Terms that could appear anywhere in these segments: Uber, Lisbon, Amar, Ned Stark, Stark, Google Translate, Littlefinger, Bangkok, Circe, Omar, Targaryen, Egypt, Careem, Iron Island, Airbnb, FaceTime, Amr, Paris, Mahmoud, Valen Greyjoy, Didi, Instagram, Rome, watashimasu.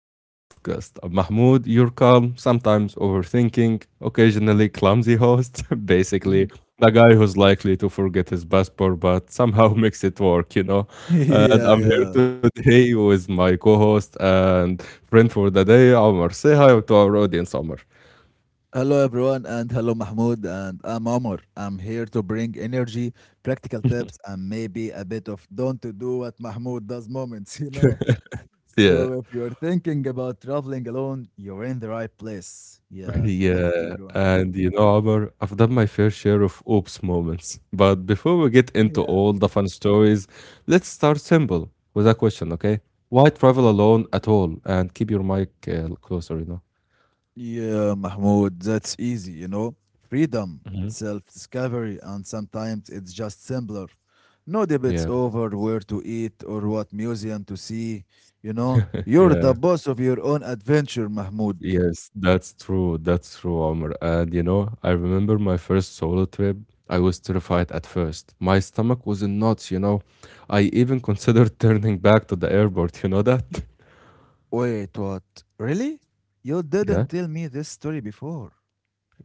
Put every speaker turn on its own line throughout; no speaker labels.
to our podcast. I'm Mahmoud, your calm, sometimes overthinking, occasionally clumsy host, basically
Mhm.
the guy who's likely to forget his passport but somehow makes it work, you know. And I'm
Yeah,
here
yeah.
today with my co host and friend for the day, Omar. Say hi to our audience, Omar.
Hello, everyone, and hello, Mahmoud, and I'm Omar. I'm here to bring energy, practical tips, and maybe a bit of don't do what Mahmoud does moments, you know?
Yeah.
So, if you're thinking about traveling alone, you're in the right place. Yeah, let's go,
Yeah,
everyone.
and you know, Omar, I've done my fair share of oops moments. But before we get into
Yeah.
all the fun stories, let's start simple with a question, okay? Why travel alone at all? And keep your mic closer, you know?
Yeah, Mahmoud, that's easy. Freedom,
Mhm.
self discovery, and sometimes it's just simpler. No debates
Yeah,
over where to eat or what museum to see, you know. You're the
yeah,
boss of your own adventure, Mahmoud.
yes, that's true. That's true, Omar. And you know, I remember my first solo trip. I was terrified at first. My stomach was in knots, you know. I even considered turning back to the airport, you know that?
Wait, what? Really? You
Yeah.
didn't tell me this story before.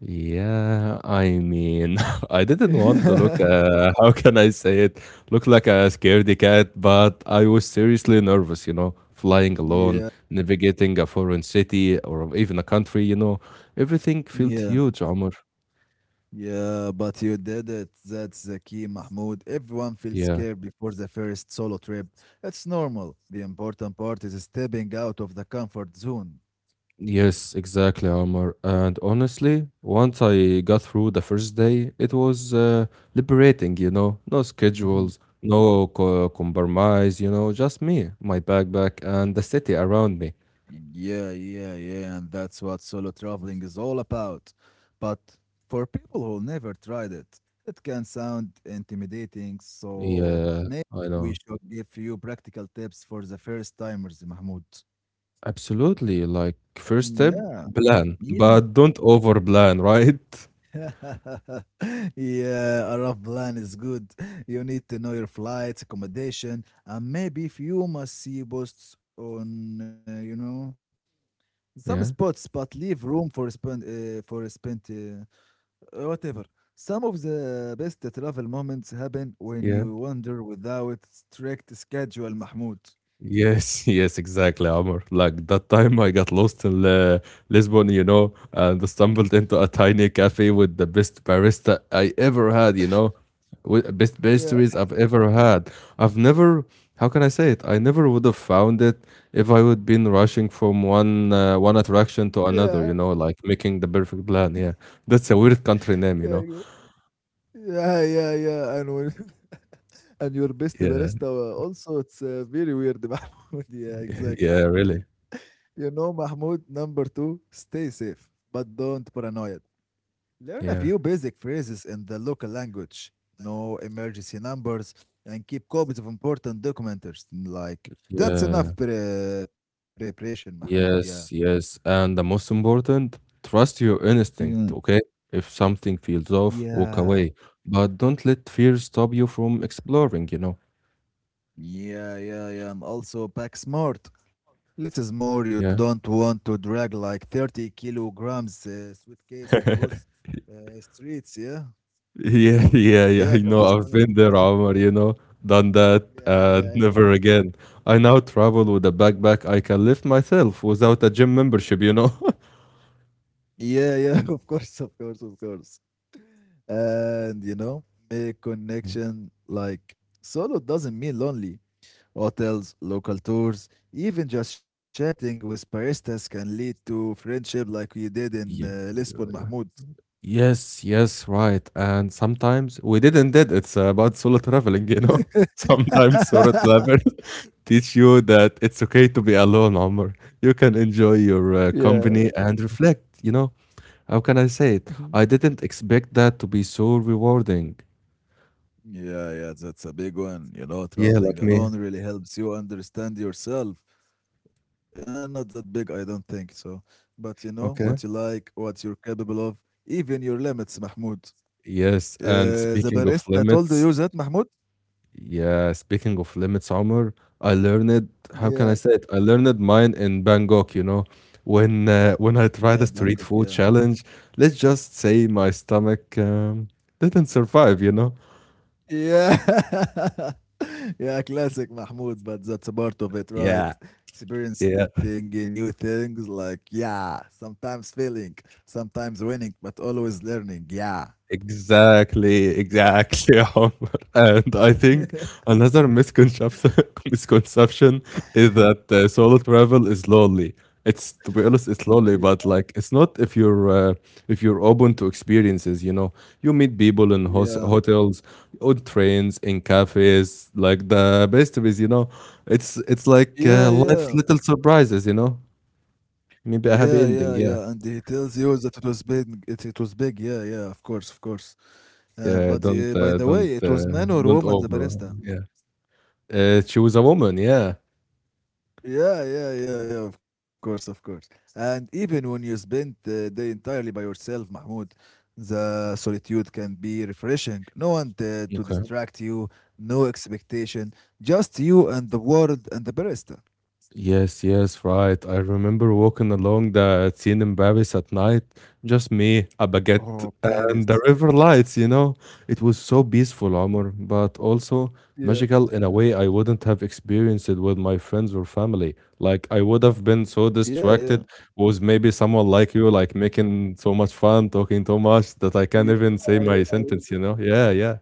Yeah, I mean, I didn't want to look, how can I say it? Look like a scaredy cat, but I was seriously nervous, you know, flying
Yeah,
alone, navigating a foreign city or even a country, you know, everything felt
yeah.
huge, Omar.
Yeah, but you did it. That's the key, Mahmoud. Everyone feels
Yeah.
scared before the first solo trip. It's normal. The important part is stepping out of the comfort zone.
Yes, exactly, Omar. And honestly, once I got through the first day, it was liberating, you know, no
Mhm.
schedules, no co compromise, you know, just me, my backpack, and the city around me.
Yeah, yeah, yeah, and that's what solo traveling is all about. But for people who never tried it, it can sound intimidating, so
Yeah,
maybe
I
we
know.
should give you practical tips for the first timers, Mahmoud.
Absolutely. Like, first step,
Yeah.
plan,
Yeah.
but don't over plan, right?
Yeah, a rough plan is good. You need to know your flights, accommodation, and maybe few must see posts on, some spots, but
Yeah.
leave room for for spent, whatever. Some of the best travel moments happen when
Yeah.
you wander without strict schedule, Mahmoud.
Yes, yes, exactly, Amr. Like that time I got lost in Lisbon, you know, and stumbled into a tiny cafe with the best barista I ever had, you know, with best
Yeah,
pastries I've ever had. I've never, how can I say it? I never would have found it if I would been rushing from one attraction
yeah,
to another, you know, like making the perfect plan. Yeah, that's a weird country name, you
yeah,
know.
yeah, yeah, yeah, yeah. And your best
Yeah,
barista also, it's very weird, Mahmoud. Yeah,
yeah,
exactly.
really.
Mahmoud, number two, stay safe, but don't paranoid. Learn a
Yeah,
few basic phrases in the local language, know emergency numbers, and keep copies of important documents. Like, that's
yeah.
enough preparation, Mahmoud. Yeah.
Yes, yes. And the most important, trust your
Yeah.
instinct, okay? If something feels off, walk
Yeah.
away. But don't let fear stop you from exploring, you know?
Yeah, yeah, yeah. I'm also pack smart. Let's is more you
Yeah.
don't want to drag like 30 kilograms suitcase across streets, yeah?
Yeah, yeah, yeah. I
Yeah,
know. I've been
cobblestone
there,
streets.
Omar, you know, done that,
Yeah,
and never
yeah,
again. I now travel with a backpack I can lift myself without a gym membership, you know?
yeah, yeah, of course, of course, of course. And make
Mm.
connection like solo doesn't mean lonely. Hotels, local tours, even just chatting with baristas can lead to friendship like you did in
Yeah,
Lisbon,
yeah.
Mahmoud.
Yes, yes, right, and sometimes we didn't did it's about solo traveling, you know? Sometimes solo travel teach you that it's okay to be alone, Omar. You can enjoy your
Yeah.
company and reflect, you know? How can I say it?
Mhm.
I didn't expect that to be so rewarding.
Yeah, yeah, that's a big one. You know,
Yeah,
traveling
like me.
alone really helps you understand yourself. Not that big, I don't think so. But you know what you
Okay.
like, what you're capable of, even your limits, Mahmoud.
Yes, and
The
speaking of
barista told
limits.
you that, Mahmoud?
Yeah, speaking of limits, Omar, I learned, how can I
Yeah.
say it? I learned mine in Bangkok, you know, when when I
Yeah,
tried a
Bangkok,
street
yeah.
food challenge, let's just say my stomach didn't survive, you know.
Yeah. Yeah, classic Mahmoud, but that's a part of it, right?
Yeah, yeah.
Experiencing new things like, yeah, sometimes failing, sometimes winning, but always learning. Yeah.
Exactly, exactly, Omar. And I think another misconception misconception is that solo travel is lonely. It's to be honest, it's lonely, but like it's not if you're if you're open to experiences. You know, you meet people in
Yeah,
hotels, on trains, in cafes, like the best is. You know, it's like
yeah,
life's
yeah.
little surprises. You know,
Yeah,
maybe a
yeah,
happy ending.
yeah. And
Yeah,
he tells you that it was big. It was big. Yeah, yeah. Of course, of course.
yeah.
But
Don't
by
uh,
the
don't
way, it was
uh,
man or
don't
woman, the
over.
barista?
Yeah. She was a woman, yeah.
Yeah, yeah, yeah, yeah. Of course, of course. And even when you spend the day entirely by yourself, Mahmoud, the solitude can be refreshing. No one to
Okay.
distract you, no expectation, just you and the world and the barista.
Yes, yes, right. I remember walking along the scene in Paris at night, just me, a baguette,
Oh,
and the
Paris.
river lights, you know. It was so peaceful, Omar, but also
Yeah,
magical in a way I wouldn't have experienced it with my friends or family. Like, I would have been
yeah,
so
yeah,
distracted, was maybe someone like you, like making so much fun, talking so much that I
yeah,
can't even say my sentence,
yeah.
you know? Yeah, yeah,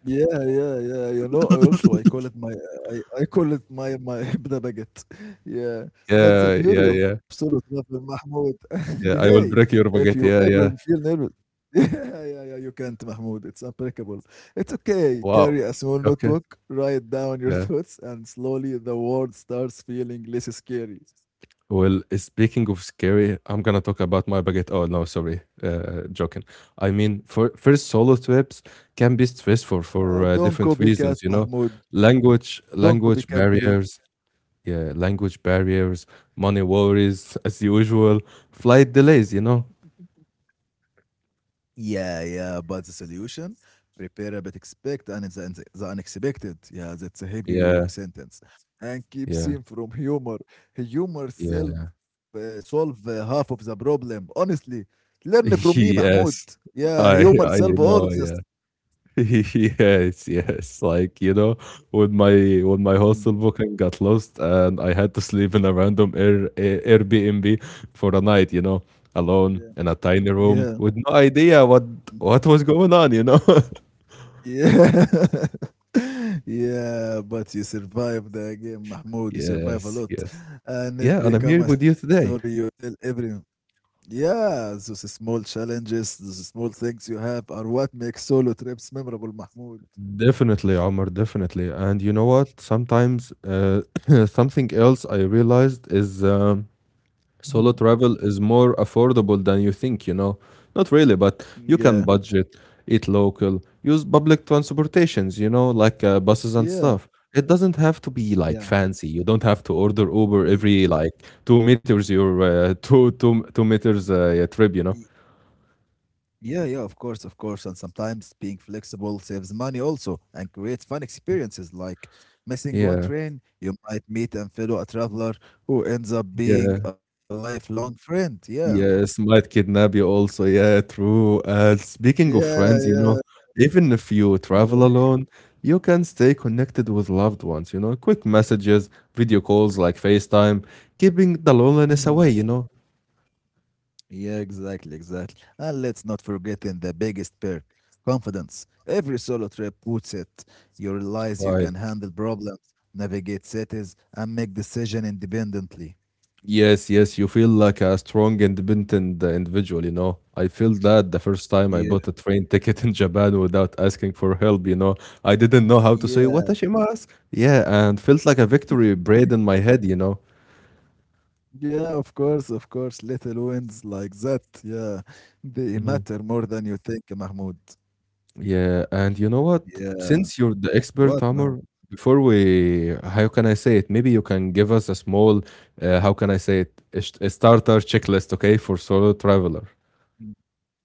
Yeah, yeah, yeah. You know, I call it my Hebda baguette. Yeah, that's the
yeah,
beauty
yeah,
of
yeah.
solo travel, Mahmoud. And
Yeah,
hey,
I will break your
if you
baguette.
ever
Yeah, yeah.
feel nervous, yeah, yeah, yeah, you can't, Mahmoud. It's applicable. It's okay.
Wow.
Carry a small
Okay.
notebook, write down your
Yeah.
thoughts, and slowly the world starts feeling less scary.
Well, speaking of scary, I'm gonna talk about my baguette. Oh no, sorry, joking. I mean, for first solo trips can be stressful for
Don't
different
copycat,
reasons. You know,
Mahmoud. Don't
language
copycat, please.
barriers. Yeah, language barriers, money worries as usual, flight delays. You know.
Yeah, yeah, but the solution prepare but expect and the unexpected. Yeah, that's a heavy
Yeah.
sentence. And keep
Yeah.
seeing from humor. Humor self
Yeah.
solve half of the problem. Honestly, learn from me, Mahmoud.
yes.
Yeah,
I
humor
I
solve all of
know.
this.
Yeah. yes, yes. Like, you know, when my
Mm.
hostel booking got lost and I had to sleep in a random Airbnb for a night, you know,
Yeah,
alone in a tiny
yeah,
room with no idea
mm,
what was going on, you know.
yeah. Yeah, but you survive the game, Mahmoud. You survive a
Yes,
lot,
yes.
and it
Yeah, and I'm
become
here
a
with you
story you
today.
tell everyone. Yeah, those small challenges, those small things you have are what make solo trips memorable, Mahmoud.
Definitely, Omar, definitely. And you know what? Sometimes something else I realized is
Mhm.
solo travel is more affordable than you think, you know. Not really, but you
Yeah,
can budget, eat local, use public transportations, you know, like buses and
yeah,
stuff. It doesn't have to be like
yeah.
fancy. You don't have to order Uber
y-
every like two meters your two meters
y-
trip, you know.
Yeah, yeah, of course, of course. And sometimes being flexible saves money also and creates fun experiences like missing one
Yeah,
train, you might meet and fellow a traveler who ends up being
yeah.
a lifelong friend. Yeah.
Yes, might kidnap you also. Yeah, true. Speaking of
Yeah,
friends, you
yeah.
know, even if you travel
Yeah.
alone, you can stay connected with loved ones, you know, quick messages, video calls like FaceTime, keeping the loneliness
Hmm.
away, you know.
Yeah, exactly, exactly. And let's not forget in the biggest perk, confidence. Every solo trip puts it. You realize you
Right.
can handle problems, navigate cities, and make decision independently.
Yes, yes, you feel like a strong, independent individual, you know. I feel that the first time
Yeah,
I bought a train ticket in Japan without asking for help, you know. I didn't know how to say
yeah,
watashimasu. Yeah, and felt like a victory braid in my head, you know.
yeah. Of course, of course. Little wins like that, yeah, they matter more than you think, Mahmoud.
Yeah, and you know what?
Yeah.
Since you're the expert,
What, Mahmoud?
Amr, before we, how can I say it? Maybe you can give us a small, how can I say it? A, a starter checklist, okay, for solo traveler.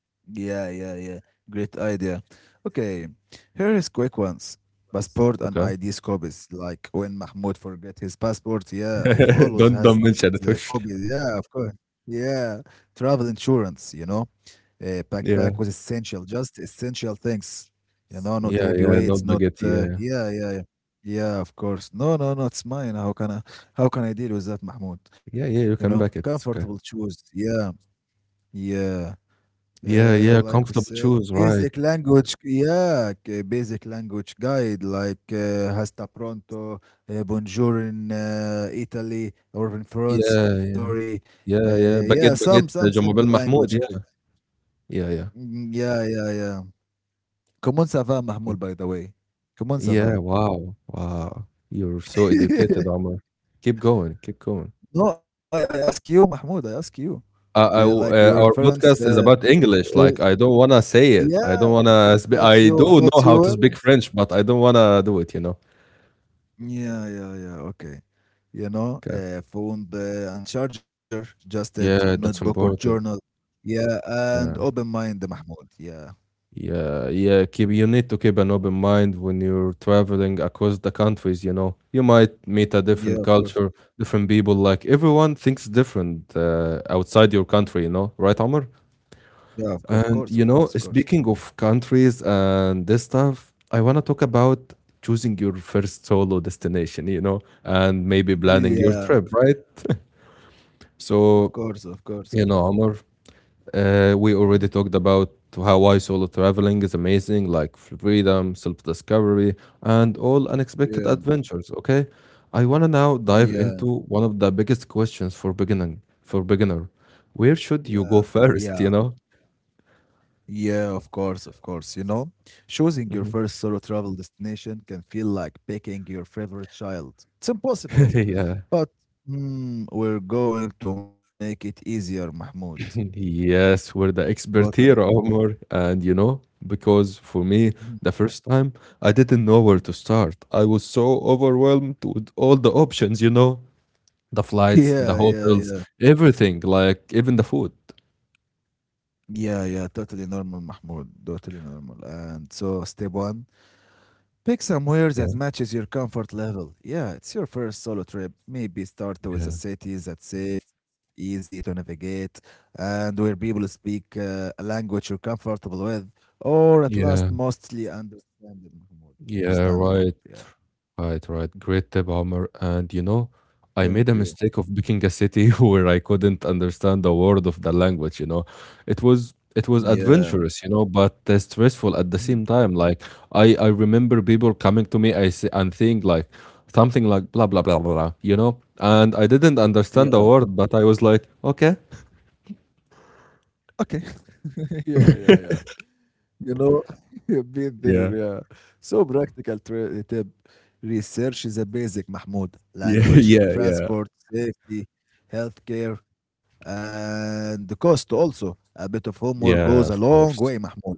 Yeah, yeah, yeah. Great idea. Okay, here is quick ones. Passport and
Okay.
ID copies. Like when Mahmoud forget his passport, yeah, he always
Don't
has
don't
the
mention it.
copy.
Hush.
Yeah, of course. Yeah, travel insurance. Backpack was
Yeah,
essential, just essential things. Not
yeah,
heavy
yeah. Not
weights, not.
baguette. Yeah,
Yeah, yeah, yeah. Yeah, of course. No, no, no. It's mine. How can I deal with that, Mahmoud?
yeah, yeah. You can back it.
Comfortable
It's okay.
shoes. Yeah, yeah.
Yeah, yeah.
Like we say,
Comfortable shoes, right?
basic language, yeah, basic language guide like hasta pronto, bonjour in Italy or in France,
Yeah,
sorry.
yeah, yeah,
Yeah,
yeah.
some
Baguette,
some
baguette.
simple
Jamal
language guide.
Mahmoud. Yeah, yeah, yeah.
Mm, yeah, yeah, yeah. Comment ça va, Mahmoud, by the way? Comment ça
Yeah,
va?
wow, wow. You're so educated, Omar. Keep going, keep going.
No, I ask you, Mahmoud, I ask you. Be like your
Our
inference.
podcast is about
Uh,
English. Like, I don't want to say it. I
yeah,
don't want to spe-
but
I
you,
do
but
know how
you
to
were.
speak French, but I don't want to do it, you know?
Yeah, yeah, yeah. Okay.
Okay.
Phone and charger, just it,
Yeah,
notebook
that's
or journal.
important.
Yeah, and
Yeah.
open mind, Mahmoud. Yeah.
Yeah, yeah. Keep you need to keep an open mind when you're traveling across the countries, you know. You might meet a
Yeah,
different
of course.
culture, different people. Like everyone thinks different outside your country, you know, right, Omar?
Yeah, of course,
And
of
you
course, of
know,
course.
speaking of countries and this stuff, I want to talk about choosing your first solo destination, you know, and maybe planning your
Yeah,
trip, right?
of course,
So,
of course, of course.
you know, Amar, we
Mhm.
already talked about how I solo traveling is amazing, like freedom, self discovery, and all unexpected
Yeah,
adventures. Okay, I wanna now dive
yeah,
into one of the biggest questions for beginning for beginner. Where
yeah,
should you go
yeah.
first? You know?
Yeah, of course, of course. Choosing your
Mhm.
first solo travel destination can feel like picking your favorite child. It's impossible,
yeah.
but we're going to make it easier, Mahmoud.
Yes, we're the
What
expert
an-
here, Omar. And you know, because for me,
Mhm.
the first time, I didn't know where to start. I was so overwhelmed with all the options, you know, the flights, the
Yeah, yeah,
hotels,
yeah.
everything, like even the food.
Yeah, yeah, totally normal, Mahmoud. Totally normal. And so, step one, pick somewhere
Yeah,
that matches your comfort level. Yeah, it's your first solo trip. Maybe start with a
yeah,
city that's safe, easy to navigate, and where people speak a language you're comfortable with, or at least
yeah,
mostly understandable.
yeah,
Understandable.
right.
Yeah.
Right. Great tip, Omar. And you know, I
Thank
made a
you.
mistake of picking a city where I couldn't understand a word of the language, you know. It was
Yeah.
adventurous, you know, but stressful at the
Mm.
same time. Like I remember people coming to me I say, and think like something like blah blah blah blah, blah, you know, and I didn't
Yeah.
understand the word, but I was like, okay.
Okay. Yeah. Yeah. Yeah. You know, you've been there,
Yeah.
yeah. So practical tip. Research is a basic, Mahmoud.
Yeah,
Language,
yeah, yeah.
transport, safety, healthcare, and the cost also. A bit of homework goes a
Yeah, of
long way,
course.
Mahmoud.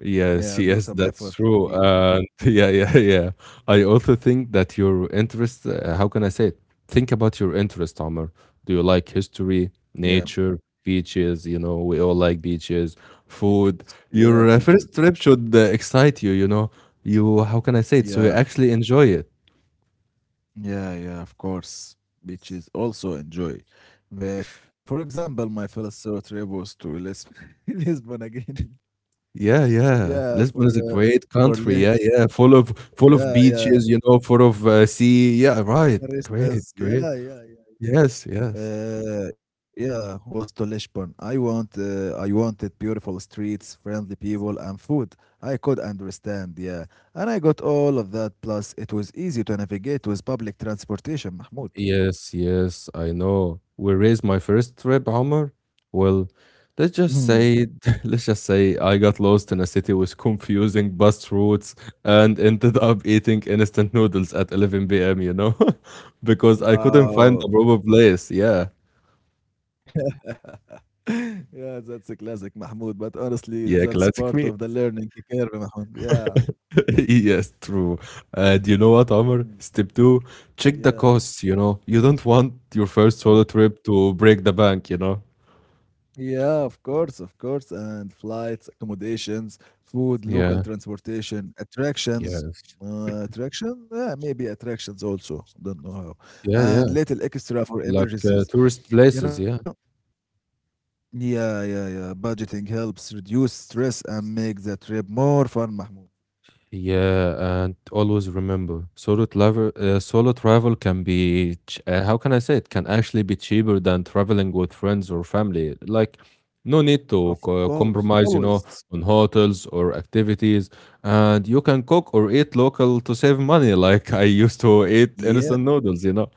Yes,
Yeah, do
yes,
some
that's
effort,
true.
please.
And yeah, yeah, yeah. I also think that your interest, how can I say it? Think about your interest, Omar. Do you like history,
Yeah,
nature, beaches? You know, we all like beaches,
peaches.
food.
Yeah,
Your
peaches.
first trip should excite you, you know. You, how can I say it? So you
Yeah,
actually enjoy it.
yeah, yeah, of course. Beaches also enjoy. For example, my first solo trip was to Lisbon again.
Yeah, yeah.
Yeah,
Lisbon is a great
for
country.
li-
Yeah, yeah. Full of
yeah, yeah,
beaches, you know, full of sea. Yeah, right.
baristas,
Great,
yeah,
great.
yeah, yeah.
Yes, yes.
Yeah, was to Lishbon. I wanted beautiful streets, friendly people, and food. I could understand, yeah, and I got all of that. Plus, it was easy to navigate with public transportation, Mahmoud.
Yes, yes, I know. We raised my first trip, Omar. Well, let's
Mhm.
just say, let's just say I got lost in a city with confusing bus routes and ended up eating instant noodles at 11 p.m., you know, because I couldn't find the
Wow.
proper place. Yeah,
Yeah, that's a classic, Mahmoud. But honestly,
yeah,
that's part
classic
of
me.
the learning curve, Mahmoud. Yeah,
Yes, true. And you know what, Omar?
mm,
Step two, check the
yeah.
costs, you know. You don't want your first
Uh,
solo trip to break the bank, you know.
Yeah, of course, of course. And flights, accommodations, food, local
Yeah,
transportation,
yeah,
attractions. Attraction? Yeah, maybe attractions also. Don't know how.
yeah, yeah.
And little extra for
Like
emergencies,
tourist
you
places,
know?
yeah.
Yeah, yeah, yeah. Budgeting helps reduce stress and make the trip more fun, Mahmoud.
Yeah, and always remember, solo travel can be, how can I say it, can actually be cheaper than traveling with friends or family. Like, no need
Of
to
course,
compromise, you know,
always.
on hotels or activities. And you can cook or eat local to save money, like I used to eat
Yeah.
instant noodles,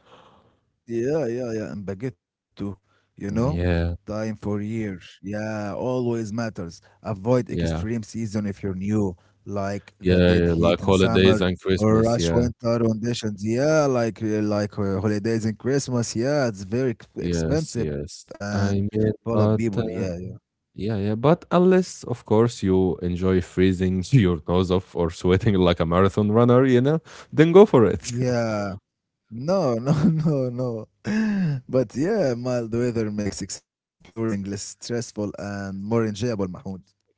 Yeah, yeah, yeah, and baguette you know?
Yeah,
Time for years. Yeah, always matters. Avoid
yeah,
extreme season if you're new, like the
yeah,
dead
yeah, like
heat in
holidays
summer
and
or
Christmas.
rush
Yeah,
winter conditions. Yeah, like holidays and Christmas. Yeah, it's very
yes,
expensive
yes.
and
I
full
mean,
of people.
but
Yeah, yeah.
yeah, yeah, but unless, of course, you enjoy freezing your nose off or sweating like a marathon runner, then go for it.
Yeah. No, no, no, no. But yeah, mild weather makes exploring less stressful and more enjoyable, Mahmoud.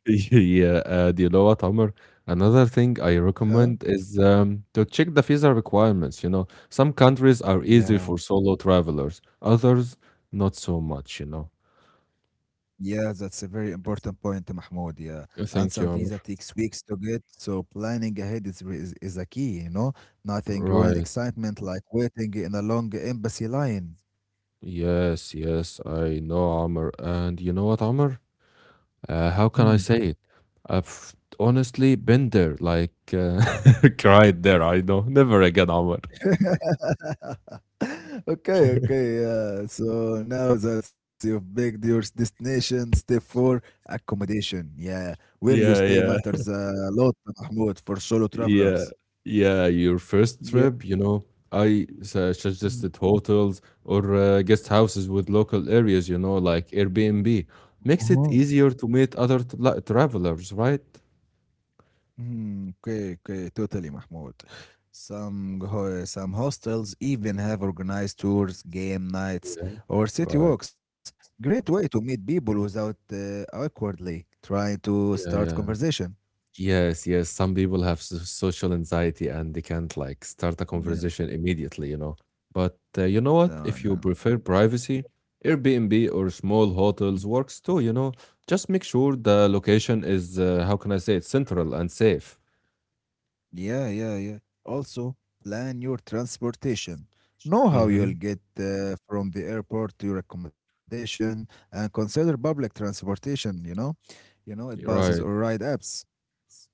yeah, do you know what, Omar? Another thing I
Huh?
recommend is to check the visa requirements. You know, some countries are easy
Yeah,
for solo travelers, others not so much, you know.
yeah, that's a very important point, Mahmoud. Yeah, and
Thank
some
you, Amr.
visa takes weeks to get, so planning ahead is a key. Nothing growing
Right.
excitement like waiting in a long embassy line.
Yes, yes, I know, Amr. And you know what, Amr? How
Hmm.
can I say it? I've honestly been there, cried there. I know never again, Omar.
Okay, okay, yeah. So now that you've picked your destination, step four, accommodation. Yeah, where you
Yeah,
stay
yeah,
matters a lot, Mahmoud, for solo
yeah,
travelers.
yeah. Your first
Yeah.
trip, you know, suggested hotels or guest houses with local areas, you know, like Airbnb. Makes
Mhm.
it easier to meet other travelers, right?
Mm, okay, okay, totally, Mahmoud. Some hostels even have organized tours, game nights, or city
Right.
walks. Great way to meet people without awkwardly trying to
Yeah,
start
yeah.
conversation.
Yes, yes. Some people have social anxiety and they can't like start a
Yeah.
conversation immediately, you know. But you know what?
No,
If you
no.
prefer privacy, Airbnb or small hotels works too, you know. Just make sure the location is, how can I say it, central and safe.
Yeah, yeah, yeah. Also, plan your transportation. Know how you'll
Mm-hmm.
get from the airport to your accommodation and consider public transportation, it buses or
Right.
ride apps,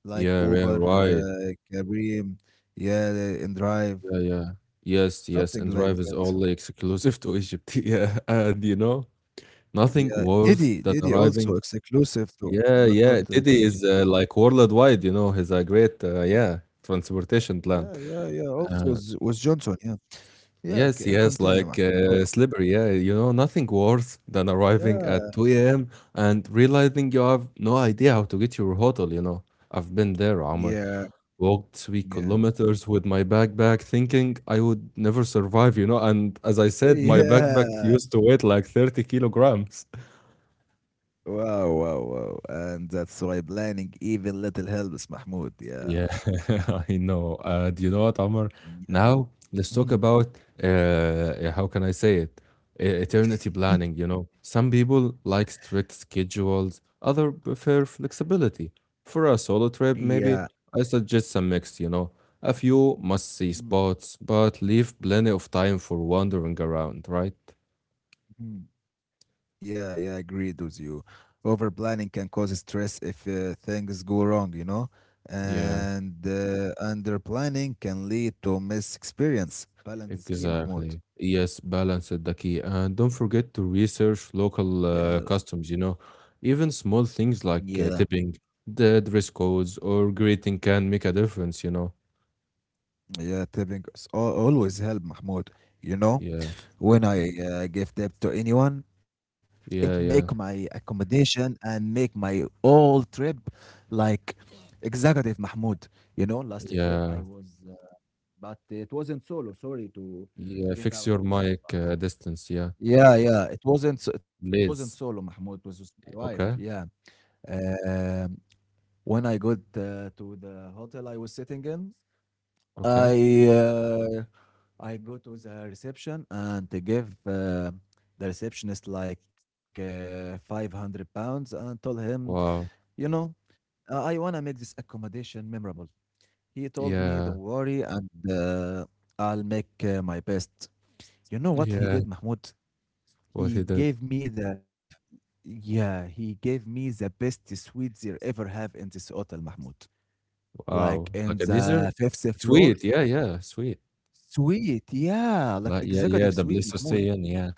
like
Yeah, yeah,
Uber,
right.
Careem, yeah, and Drive,
Yeah, yeah. Yes, yes.
something
And
like
drive is
that.
only exclusive to Egypt. Yeah. And you know,
Yeah,
nothing
Didi,
worse
Didi
than
also
arriving.
exclusive to, but
Yeah,
not
yeah.
to
Didi
Egypt.
is, like, worldwide, you know, he's a great, yeah, transportation plan.
Yeah, yeah, yeah. Also
Uh,
was Johnson. Yeah, yeah.
yes, yes,
Continue,
like,
Ahmed. Go on.
slippery, yeah, you know, nothing worse than
Yeah,
arriving at 2 AM and realizing you have no idea how to get your hotel, you know. I've been there, Omar.
yeah,
Walked 3
yeah,
kilometers with my backpack thinking I would never survive, you know, and as I said, my backpack
yeah.
used to weigh like 30 kilograms.
Wow, wow, wow. And that's why planning even little helps, Mahmoud. Yeah,
Yeah, I know. Do you know what, Omar?
yeah,
Now let's talk about how can I say it? Eternity planning, you know. Some people like strict schedules, other prefer flexibility. For a solo trip, maybe
yeah.
I suggest some mix, you know. A few must-see spots, but leave plenty of time for wandering around, right?
Yeah, yeah, agreed with you. Over planning can cause stress if things go wrong, you know,
Yeah.
and under planning can lead to missed experience. Balance is key, Mahmoud.
Exactly. Yes, balance is the key. And don't forget to research local
Yeah,
customs, you know. Even small things like
yeah,
tipping, the dress codes, or greeting can make a difference, you know.
yeah, tipping is always help, Mahmoud. You know,
Yeah,
when I give tip to anyone, it
yeah,
make
yeah,
my accommodation and make my whole trip like executive, Mahmoud. You know, last trip
yeah,
I was but it wasn't solo. Sorry to
yeah.
get
Fix
out
your
of line.
mic
But
distance, yeah.
yeah, yeah. It wasn't solo,
Please.
Mahmoud. It was with my wife. Yeah.
Okay,
Um, when I got to the hotel I was sitting in,
okay.
I uh, I go to the reception and they give the receptionist like 500 pounds and told him,
Wow.
you know, I want to make this accommodation memorable. He told me,
Yeah,
don't worry, and I'll make my best. You know what he
yeah.
did, Mahmoud?
What
He
he did.
gave me the, yeah, he gave me the best suite there ever have in this hotel, Mahmoud. Like
Wow.
in
Like a dessert?
the fifth floor.
Sweet. Yeah, yeah, sweet.
Suite, yeah, like
Like, yeah, yeah.
executive
The
suite,
place to
Mahmoud.
stay in. Yeah,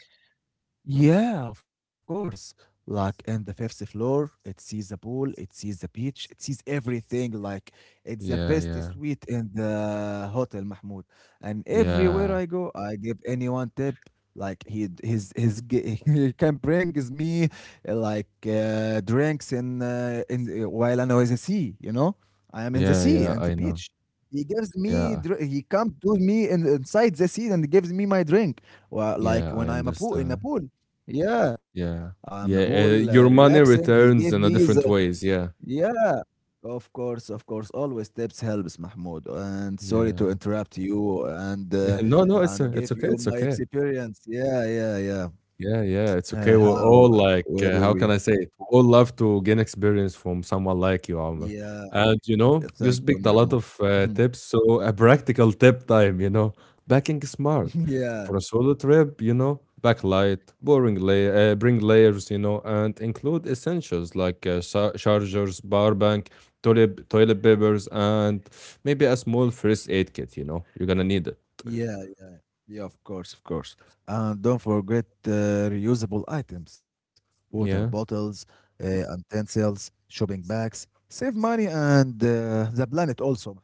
Yeah, of course. Like in the fifth floor, it sees the pool, it sees the beach, it sees everything. Like it's the
yeah,
best
yeah,
suite in the hotel, Mahmoud. And everywhere
yeah.
I go, I give anyone tip. Like he his g- he can bring is me like drinks in while I know is the sea. You know, I am in the
Yeah,
sea
yeah,
and the
I know.
beach.
Yeah,
He comes to inside the sea and gives me my drink. Well, like
yeah, I
when I'm a pool in a
understand.
pool. Yeah,
Yeah,
I'm a
yeah.
bull,
Your
relaxing.
money
He gave me
returns in a
the.
different ways. Yeah,
Yeah, of course, of course. Always tips helps, Mahmoud. And sorry to
yeah.
interrupt you and
No, no,
and
it's
give
okay.
you
It's
my
okay.
experience. Yeah, yeah, yeah.
Yeah, yeah, it's okay. We're all
How?
like,
Where
how
were
can
we?
I say it? We all love to gain experience from someone like you, Amr.
Yeah,
And you know, you
thank you,
speak a lot
Mahmoud.
of
Mhm.
tips. So a practical tip time, you know, backing smart
Yeah.
for a solo trip. You know, backlight, bring layers, you know, and include essentials like chargers, power bank, toilet papers, and maybe a small first aid kit. You know, you're gonna need it.
Yeah, yeah, yeah, of course, of course. And don't forget reusable items, water
Yeah.
bottles, utensils, shopping bags. Save money and the planet also.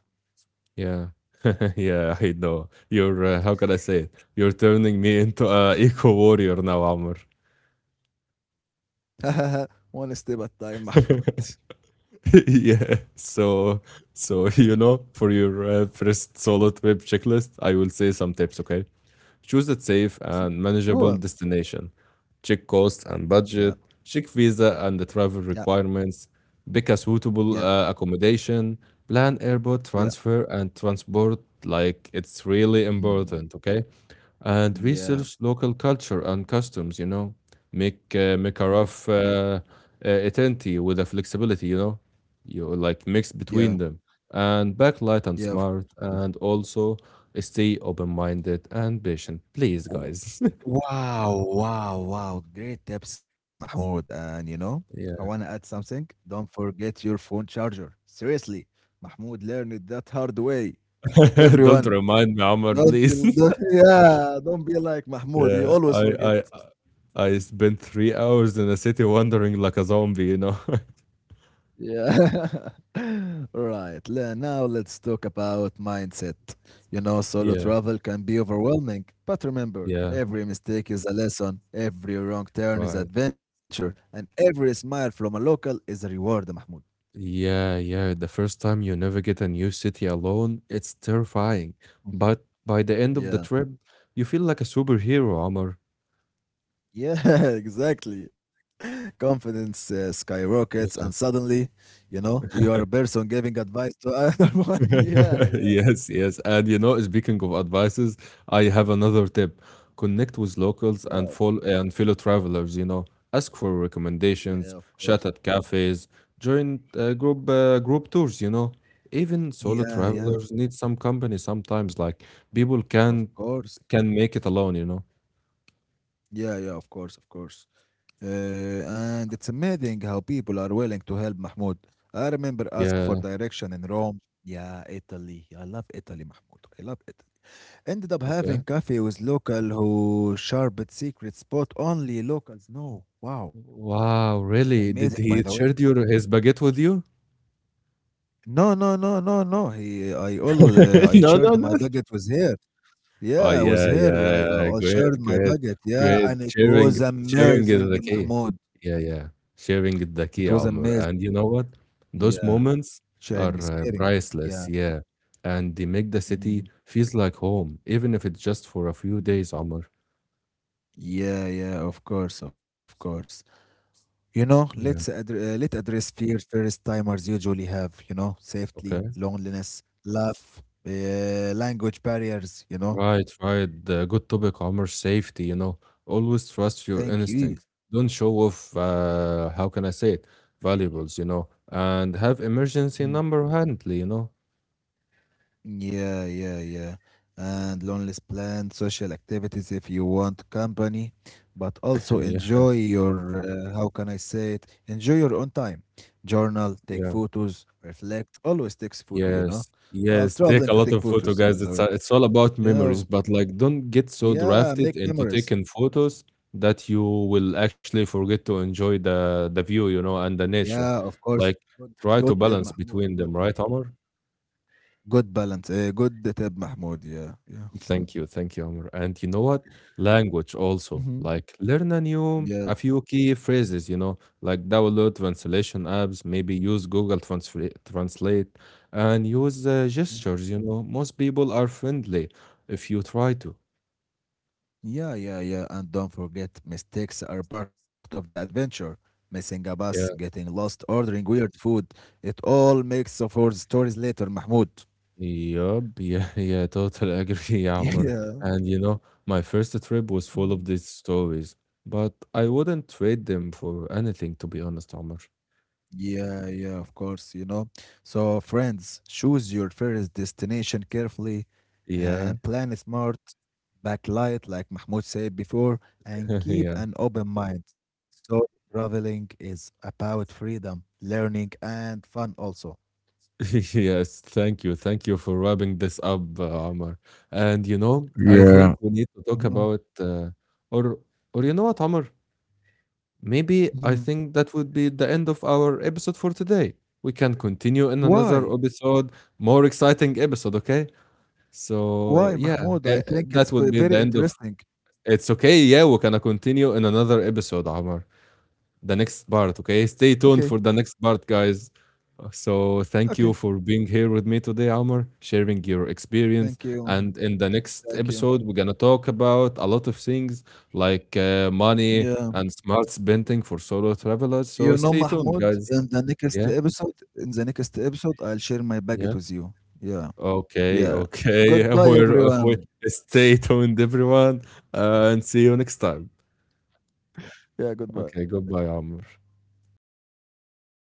Yeah. Yeah, I know. You're, how can I say it? You're turning me into a eco warrior now, Amr.
One step at a time, Mahmoud.
Yeah. So, you know, for your first solid web checklist, I will say some tips, okay? Choose a safe and
Go
manageable
on.
destination. Check cost and
Yeah,
budget. Check visa and the
yeah,
travel requirements. Pick a
yeah,
suitable accommodation. Plan airport
yeah.
transfer and transport like it's really
Mm,
important, okay? And
yeah,
research local culture and customs, you know? Make,
mm,
make a
yeah,
rough itinerary with a flexibility, you know? You like mix
yeah,
between them and backlight and
yeah, of
smart
course, of
and also stay open-minded and patient, please,
course.
guys.
Wow, wow, wow. Great tips, Mahmoud. And you know, I want to add
Yeah.
something. Don't forget your phone charger. Seriously, Mahmoud learned it that hard way.
Don't
Everyone,
remind me, Amar,
don't,
please.
don't, yeah, don't be like Mahmoud. He
yeah
always
I,
forget.
I i I spent 3 hours in a city wandering like a zombie, you know.
Yeah. All right. Now let's talk about mindset. You know, solo
Yeah,
travel can be overwhelming, but remember,
yeah,
every mistake is a lesson, every wrong turn is
right.
adventure, and every smile from a local is a reward, Mahmoud.
Yeah, yeah, the first time you navigate a new city alone it's terrifying,
Mm.
but by the end of the
Yeah.
trip you feel like a superhero, Amar.
Yeah, exactly. Confidence skyrockets, and suddenly, you know, you are a person giving advice to another one. Yeah, yeah,
Yes, yes. And you know, speaking of advices, I have another tip. Connect with locals and
yeah.
follow and fellow travelers, you know. Ask for
Yeah, of
recommendations,
course.
chat at cafes, join group tours, you know. Even solo
Yeah, yeah,
travelers need some company sometimes, like people
of course.
can make it alone, you know.
Yeah, yeah, of course, of course. And it's amazing how people are willing to help Mahmoud. I remember ask for
Yeah,
direction in Rome. Yeah, Italy. I love Italy, Mahmoud. I love Italy. Ended up having
okay.
coffee with local who sharpened secret spot only locals know. Wow, it was
Wow,
amazing,
really?
by the
Did he
way.
share your his baguette with you?
No, no, no, no, no. I always, I
no, no,
shared
no.
my baguette with her.
Oh
Yeah, with
yeah,
her,
yeah, yeah!
I
Great,
shared my
great,
baguette. Yeah,
great.
and it
Sharing,
was
sharing is
amazing,
the key.
Mahmoud.
Yeah, yeah, sharing is the key,
It was
Omar. And
amazing.
you know what? Those
Yeah,
moments are
sharing is caring.
priceless.
Yeah.
Yeah, and they make the city
Mm.
feels like home, even if it's just for a few
Yeah,
days, Omar.
yeah, yeah, of course, of course. You know,
Yeah.
let address fears first timers usually have, you know, safety,
Okay.
loneliness, love, language barriers, you know.
Right, right. The good topic, Omar. Safety. You know, always trust your
Thank you.
instinct. Don't show off. How can I say it? Valuables. You know, and have emergency
Hmm.
number handy. You
Yeah, yeah, yeah. And Lonely's planned social activities if you want company, but also
know.
enjoy how can I say it? Enjoy your own time. Journal, take
Yeah.
photos, reflect. Always takes photo, you know.
Yes. Yes, take
Traveling
a
to
lot
take
of photo,
photos, by
guys.
the
It's
way.
a, it's all about
You
memories, but like don't get so
yeah, make
drafted into
memories.
taking photos that you will actually forget to enjoy the view, you know, and the
Yeah,
nature.
of course.
Like
Good,
try
good
to
tip,
balance
Mahmoud.
between
Good
them,
tip.
right, Omar?
Good balance. Good tip, Mahmoud. Yeah, yeah.
Thank you, Amr. And you know what? Language also.
Hmm.
Like learn a new
Yeah.
a few key phrases, you know, like download translation apps, maybe use Google Transfer Translate and use gestures, you know. Most people are friendly if you try to.
Yeah, yeah, yeah. And don't forget, mistakes are part of the adventure. Missing a bus,
Yeah.
getting lost, ordering weird food. It all makes for stories later, Mahmoud.
Yup. Yeah, yeah, totally agree, Amr.
Yeah.
And you know, my first trip was full
Mm.
of these stories, but I wouldn't trade them for anything, to be honest, Amr.
Yeah, yeah, of course, you know. So, friends, choose your first destination carefully
Yeah.
and plan smart, backlight, like Mahmoud said before, and keep
yeah.
an open mind. So, traveling is about freedom, learning, and fun also.
Yes, thank you. Thank you for wrapping this up, Omar. And you know, I think
Yeah.
we need to talk
Mhm,
about, or or you know what, Omar?
mhm.
Maybe I think that would be the end of our episode for today. We can continue in another
Why?
episode, more exciting episode, okay? So
Why,
yeah,
Mahmoud? I think
that
it's
would
ve
be the
very
end of.
interesting.
It's okay. Yeah, we're gonna continue in another episode, Omar, the next part, okay? Stay
Okay,
tuned for the next part, guys. So, thank
okay.
you for being here with me today, Amr, sharing your experience.
Thank you, Mahmoud.
And in the next
Thank you.
episode, we're going to talk about a lot of things like money
Yeah.
and smart spending for solo
You
travelers.
know,
So, stay
Mahmoud,
tuned, guys. Yeah,
in the next episode, I'll share my baguette
yeah.
with you. Yeah,
Okay,
yeah.
okay.
Goodbye,
We
everyone.
stay tuned, everyone, and see you next time.
Yeah, goodbye.
Okay, goodbye, Amr.
Goodbye,